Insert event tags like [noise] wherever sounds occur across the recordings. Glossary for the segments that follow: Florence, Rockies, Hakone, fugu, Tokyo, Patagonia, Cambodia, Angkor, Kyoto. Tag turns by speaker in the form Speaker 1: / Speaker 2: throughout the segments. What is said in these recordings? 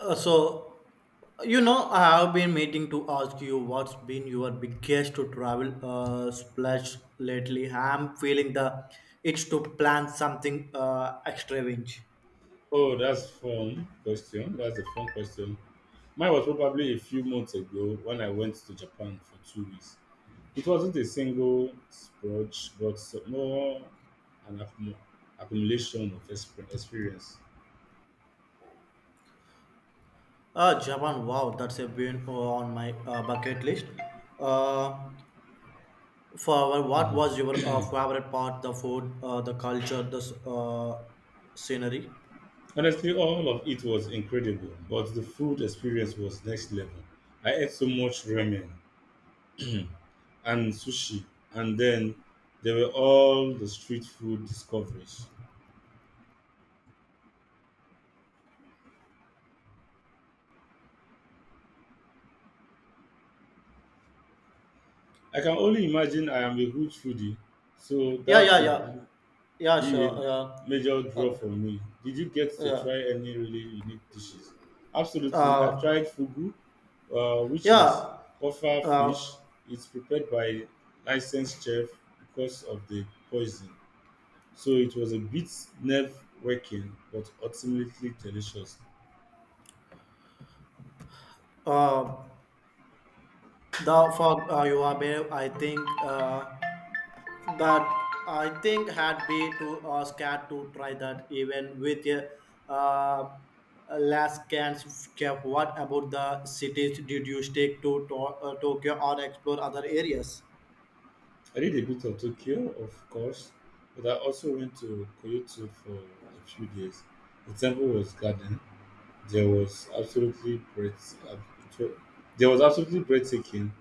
Speaker 1: Uh, so, I have been meaning to ask you what's been your biggest to travel splash lately. I'm feeling the itch to plan something extravagant.
Speaker 2: Oh, that's fun question. That's a fun question. Mine was probably a few months ago when I went to Japan for 2 weeks. It wasn't a single splurge, but more an accumulation of experience.
Speaker 1: Japan, wow, that's a been on my bucket list. Uh, for what was your
Speaker 2: [clears throat]
Speaker 1: favorite part? The food, the culture, the scenery.
Speaker 2: Honestly, all of it was incredible, but the food experience was next level. I ate so much ramen [clears throat] and sushi, and then there were all the street food discoveries. I can only imagine I am a huge foodie, so
Speaker 1: Yeah,
Speaker 2: that
Speaker 1: yeah,
Speaker 2: would
Speaker 1: yeah, yeah,
Speaker 2: be
Speaker 1: sure,
Speaker 2: a
Speaker 1: yeah,
Speaker 2: major draw
Speaker 1: uh,
Speaker 2: for me. Did you get to
Speaker 1: yeah,
Speaker 2: try any really unique dishes? Absolutely. I
Speaker 1: uh,
Speaker 2: tried fugu, which is
Speaker 1: yeah.
Speaker 2: puffer fish.
Speaker 1: Uh,
Speaker 2: It's prepared by a licensed chef because of the poison. So it was a bit nerve-wracking, but ultimately delicious.
Speaker 1: Uh, the fog, you are brave. I think that I think had be too scared to try that even with a uh, last chance. Cap. What about the cities? Did you stick to Tokyo or explore other areas?
Speaker 2: I did a bit of Tokyo, of course, but I also went to Kyoto for a few days. The temple was garden. There was absolutely there was absolutely breathtaking.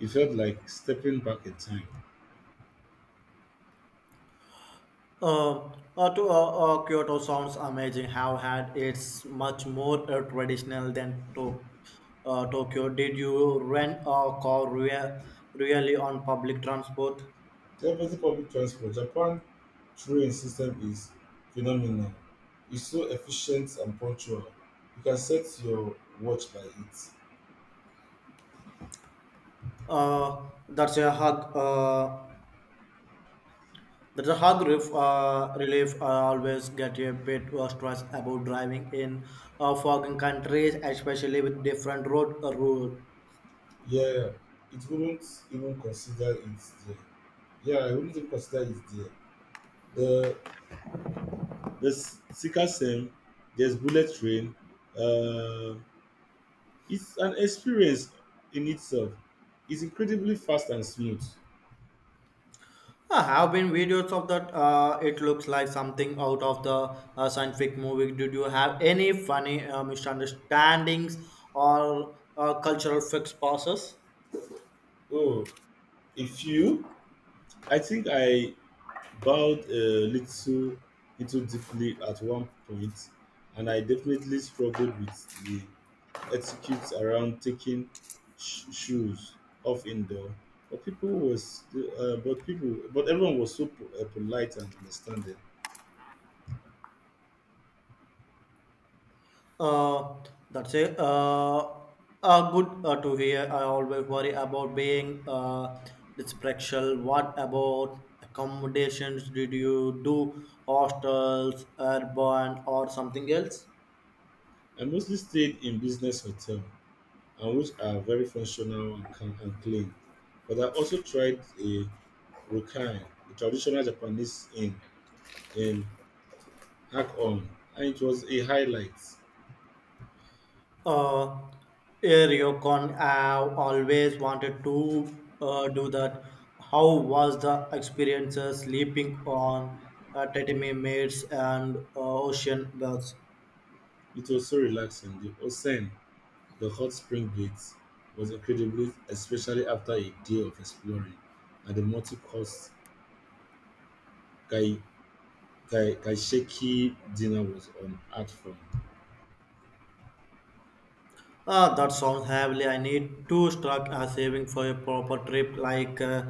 Speaker 2: It felt like stepping back in time.
Speaker 1: Uh, Kyoto sounds amazing. How had it's much more traditional than Tokyo. Did you rent a really on public transport?
Speaker 2: The effective public transport, Japan train system is phenomenal. It's so efficient and punctual. You can set your watch by it.
Speaker 1: Uh, that's a hug. Uh, that's a hug relief. Relief. I always get a bit stressed about driving in foreign countries, especially with different road rules.
Speaker 2: Yeah, it wouldn't even consider it there. Yeah, I wouldn't even consider it there. The the Sika Sem, there's Bullet Train. Uh, it's an experience in itself. It's incredibly fast and smooth.
Speaker 1: I have been videos of that. It looks like something out of the scientific movie. Did you have any funny misunderstandings or cultural fix passes?
Speaker 2: Oh, if you, I think I bowed a little deeply at one point, and I definitely struggled with the etiquette around taking shoes off indoor. But people was, but people, but everyone was so polite and understanding.
Speaker 1: Uh, that's it. Good to hear. I always worry about being dysfunctional. What about accommodations? Did you do hostels, urban, or something else?
Speaker 2: I mostly stayed in business hotels, and which are very functional and clean. But I also tried a rokai, a traditional Japanese inn in Hakone, and it was a highlight.
Speaker 1: Uh, Eriocon, I've always wanted to do that. How was the experience sleeping on tatami mats and ocean beds?
Speaker 2: It was so relaxing. The ocean, the hot spring baths, was incredibly, especially after a day of exploring, and the multi-course kai, kaisheki dinner was on art form.
Speaker 1: Ah, that sounds heavily. I need to start a saving for a proper trip. Like, uh,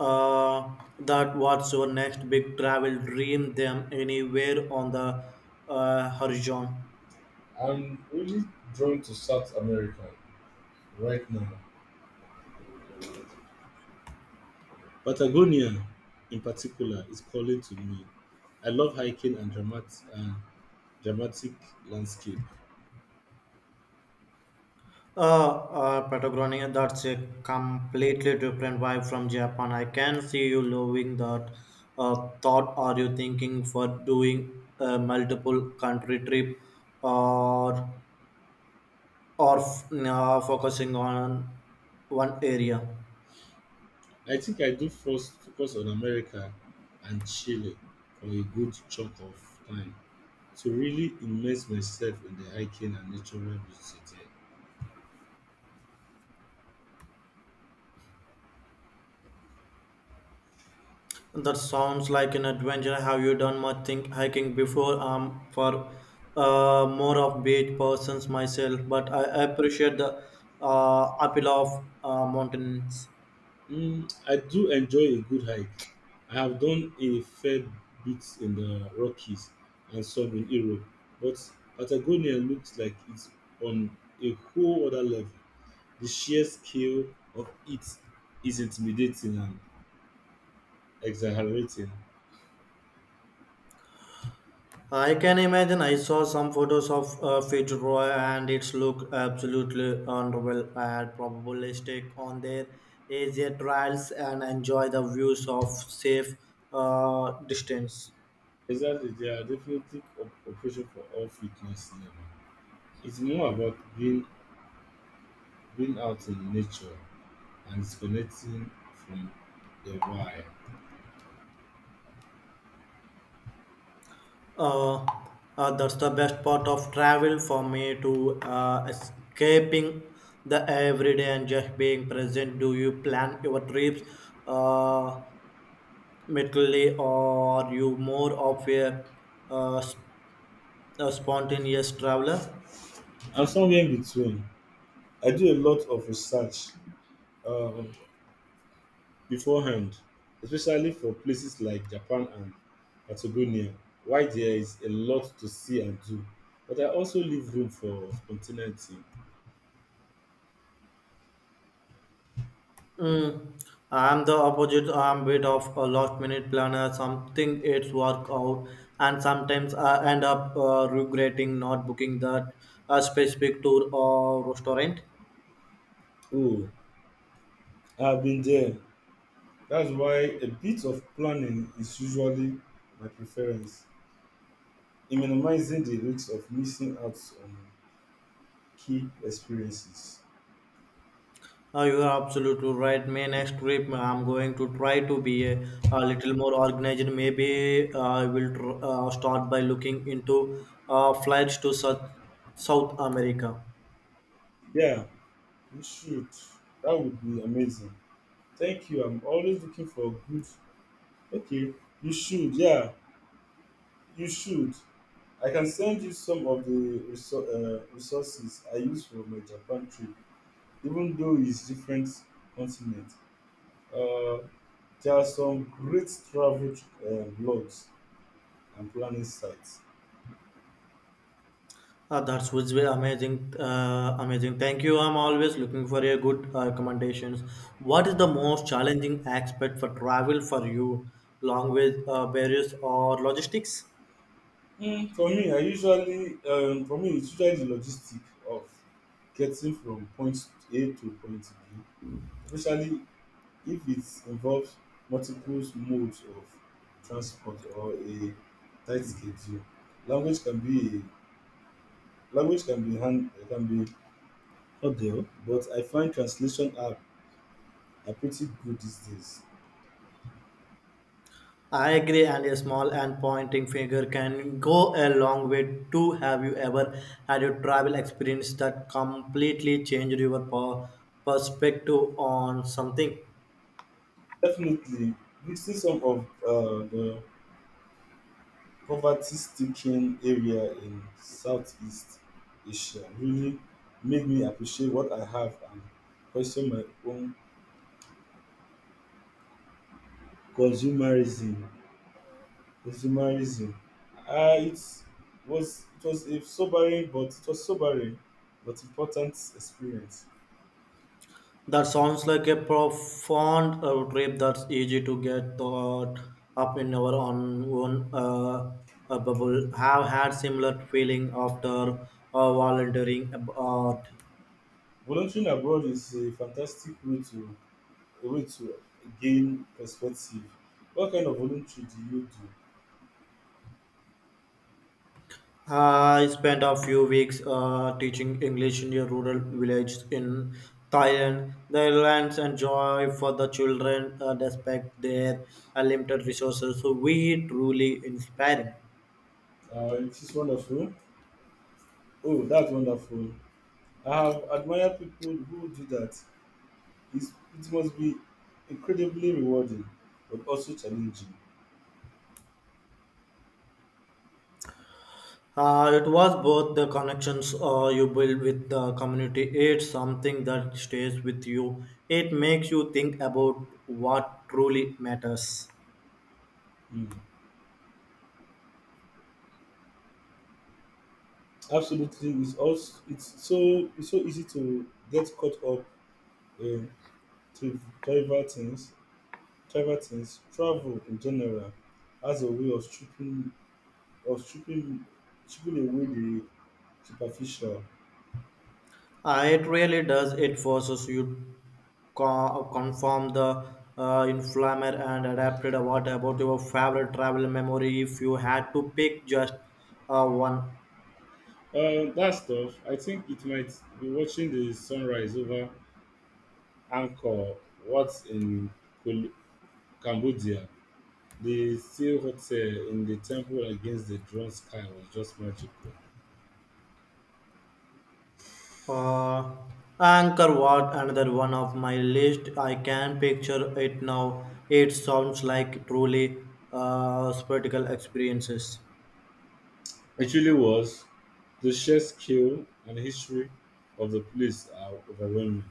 Speaker 1: uh, that. What's your next big travel dream? Them anywhere on the horizon?
Speaker 2: I'm really drawn to South America right now Patagonia, in particular, is calling to me. I love hiking and dramatic landscape.
Speaker 1: Patagonia. That's a completely different vibe from Japan. I can see you loving that. Thought. Are you thinking for doing a multiple country trip, or focusing on one area?
Speaker 2: I think I do first focus on America and Chile for a good chunk of time to really immerse myself in the hiking and natural beauty there.
Speaker 1: That sounds like an adventure. Have you done much think hiking before? For more of beach persons myself, but I appreciate the appeal of mountains.
Speaker 2: Mm, I do enjoy a good hike. I have done a fair bit in the Rockies and some in Europe, but Patagonia looks like it's on a whole other level. The sheer scale of it is intimidating and exhilarating.
Speaker 1: I can imagine. I saw some photos of Fitzroy, and it's look absolutely wonderful. I'd probably stick on their easier trails and enjoy the views of safe distance.
Speaker 2: Exactly, there are definitely operations for all fitness level. It's more about being out in nature and disconnecting from the wild.
Speaker 1: uh, that's the best part of travel for me to escaping the everyday and just being present. Do you plan your trips uh, mentally, or are you more of uh, sp- a spontaneous traveler?
Speaker 2: I'm somewhere in between. I do a lot of research um, beforehand, especially for places like Japan and Patagonia, why there is a lot to see and do. But I also leave room for spontaneity.
Speaker 1: Mm, I'm the opposite. I'm bit of a last minute planner. Something it's work out, and sometimes I end up regretting not booking that a specific tour or restaurant.
Speaker 2: Oh, I've been there. That's why a bit of planning is usually my preference in minimizing the risk of missing out on key experiences.
Speaker 1: Oh, you are absolutely right. My next trip, I'm going to try to be a little more organized. Maybe I will start by looking into flights to South America.
Speaker 2: Yeah, you should. That would be amazing. Thank you. I'm always looking for good. Okay, you should. Yeah, you should. I can send you some of the resources I use for my Japan trip, even though it's different continent. Uh, There are some great travel blogs and planning sites.
Speaker 1: That was very amazing. Amazing. Thank you. I'm always looking for your good recommendations. What is the most challenging aspect for travel for you? Language barriers or logistics?
Speaker 2: Mm. For me, it's usually the logistic of getting from point A to point B, especially if it involves multiple modes of transport or a tight schedule. Language can be Language can be ordeal, but I find translation app are pretty good these days.
Speaker 1: I agree, and a small and pointing finger can go a long way too. Have you ever had a travel experience that completely changed your perspective on something?
Speaker 2: Definitely, mixing some of the poverty-stricken area in Southeast Asia really made me appreciate what I have and question my own consumerism. consumerism. Uh, it it was a sobering but it was sobering but important experience.
Speaker 1: That sounds like a profound trip. That's easy to get caught up in our own bubble. Have had similar feeling after volunteering abroad.
Speaker 2: Volunteering abroad is a fantastic way to a way to gain perspective. What kind of voluntary do you do?
Speaker 1: I spent a few weeks teaching English in a rural village in Thailand. The lands and joy for the children, despite their limited resources, we truly inspiring.
Speaker 2: It is wonderful. Oh, that's wonderful. I have admired people who do that. It's, it must be incredibly rewarding, but also challenging.
Speaker 1: It was both the connections you build with the community. It's something that stays with you. It makes you think about what truly matters.
Speaker 2: Mm. Absolutely, it's so easy to get caught up in tri- trivial things. Trivial things, travel in general, has a way of stripping away the superficial.
Speaker 1: It really does. It forces you conform the inflammer and adapted. What about your favorite travel memory? If you had to pick just one,
Speaker 2: That stuff. I think it might be watching the sunrise over Angkor, what's in Col- Cambodia, the silhouette in the temple against the drawn sky was just magical.
Speaker 1: uh, anchor what another one of my list. I can picture it now. It sounds like truly spectacle experiences.
Speaker 2: It really was. The sheer scale and history of the place are overwhelming.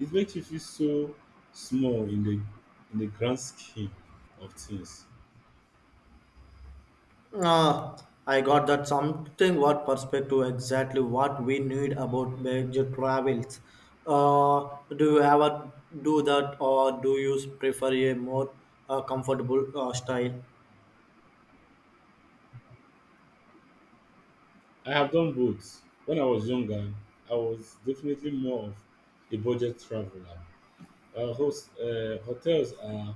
Speaker 2: It makes you feel so small in the grand scheme of things.
Speaker 1: Ah, I got that something what perspective exactly what we need about major travels. Uh, do you ever do that, or do you prefer a more comfortable style?
Speaker 2: I have done both. When I was younger, I was definitely more of a budget traveler. Hotels are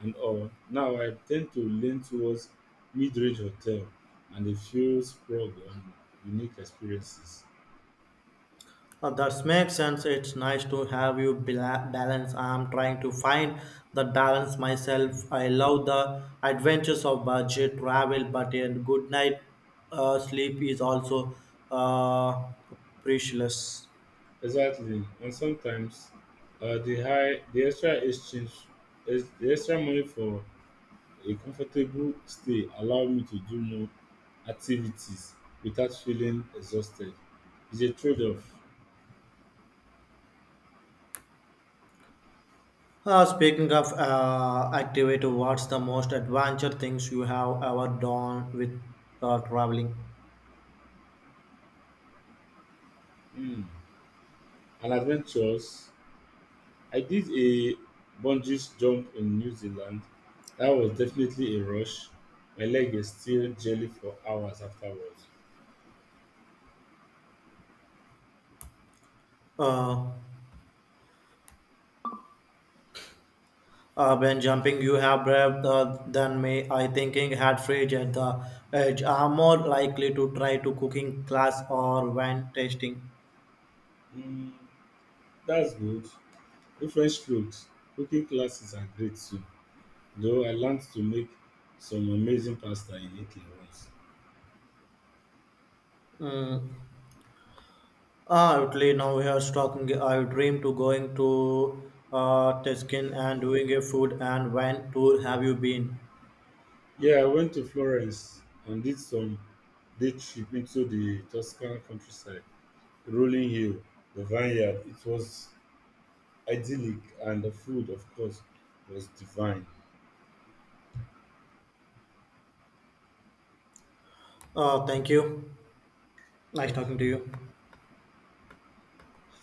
Speaker 2: and all. Now I tend to lean towards mid-range hotel and a few sprung on unique experiences.
Speaker 1: That makes sense. It's nice to have you balance. I'm trying to find the balance myself. I love the adventures of budget travel, but a good night sleep is also uh, precious.
Speaker 2: Exactly, and sometimes the extra exchange is the extra money for a comfortable stay allow me to do more activities without feeling exhausted. It's a trade-off
Speaker 1: Speaking of activity, what's the most adventure things you have ever done with traveling?
Speaker 2: mm. and adventures I did a bungee jump in New Zealand. That was definitely a rush. My leg is still jelly for hours afterwards.
Speaker 1: Uh, when jumping, you have brave than me. I thinking had fridge at the edge. I'm more likely to try to cooking class or wine tasting.
Speaker 2: Mm, that's good. Different strokes. Cooking classes are great too. Though I learned to make some amazing pasta in Italy once.
Speaker 1: Mm. Ah, Italy, now we are talking. I dream to going to Tuscan and doing a food and wine tour. Have you been?
Speaker 2: Yeah, I went to Florence and did some day trip into the Tuscan countryside, rolling hill, the vineyard. It was idyllic, and the food, of course, was divine.
Speaker 1: Thank you. Nice
Speaker 2: Thank
Speaker 1: talking to
Speaker 2: you.
Speaker 1: you.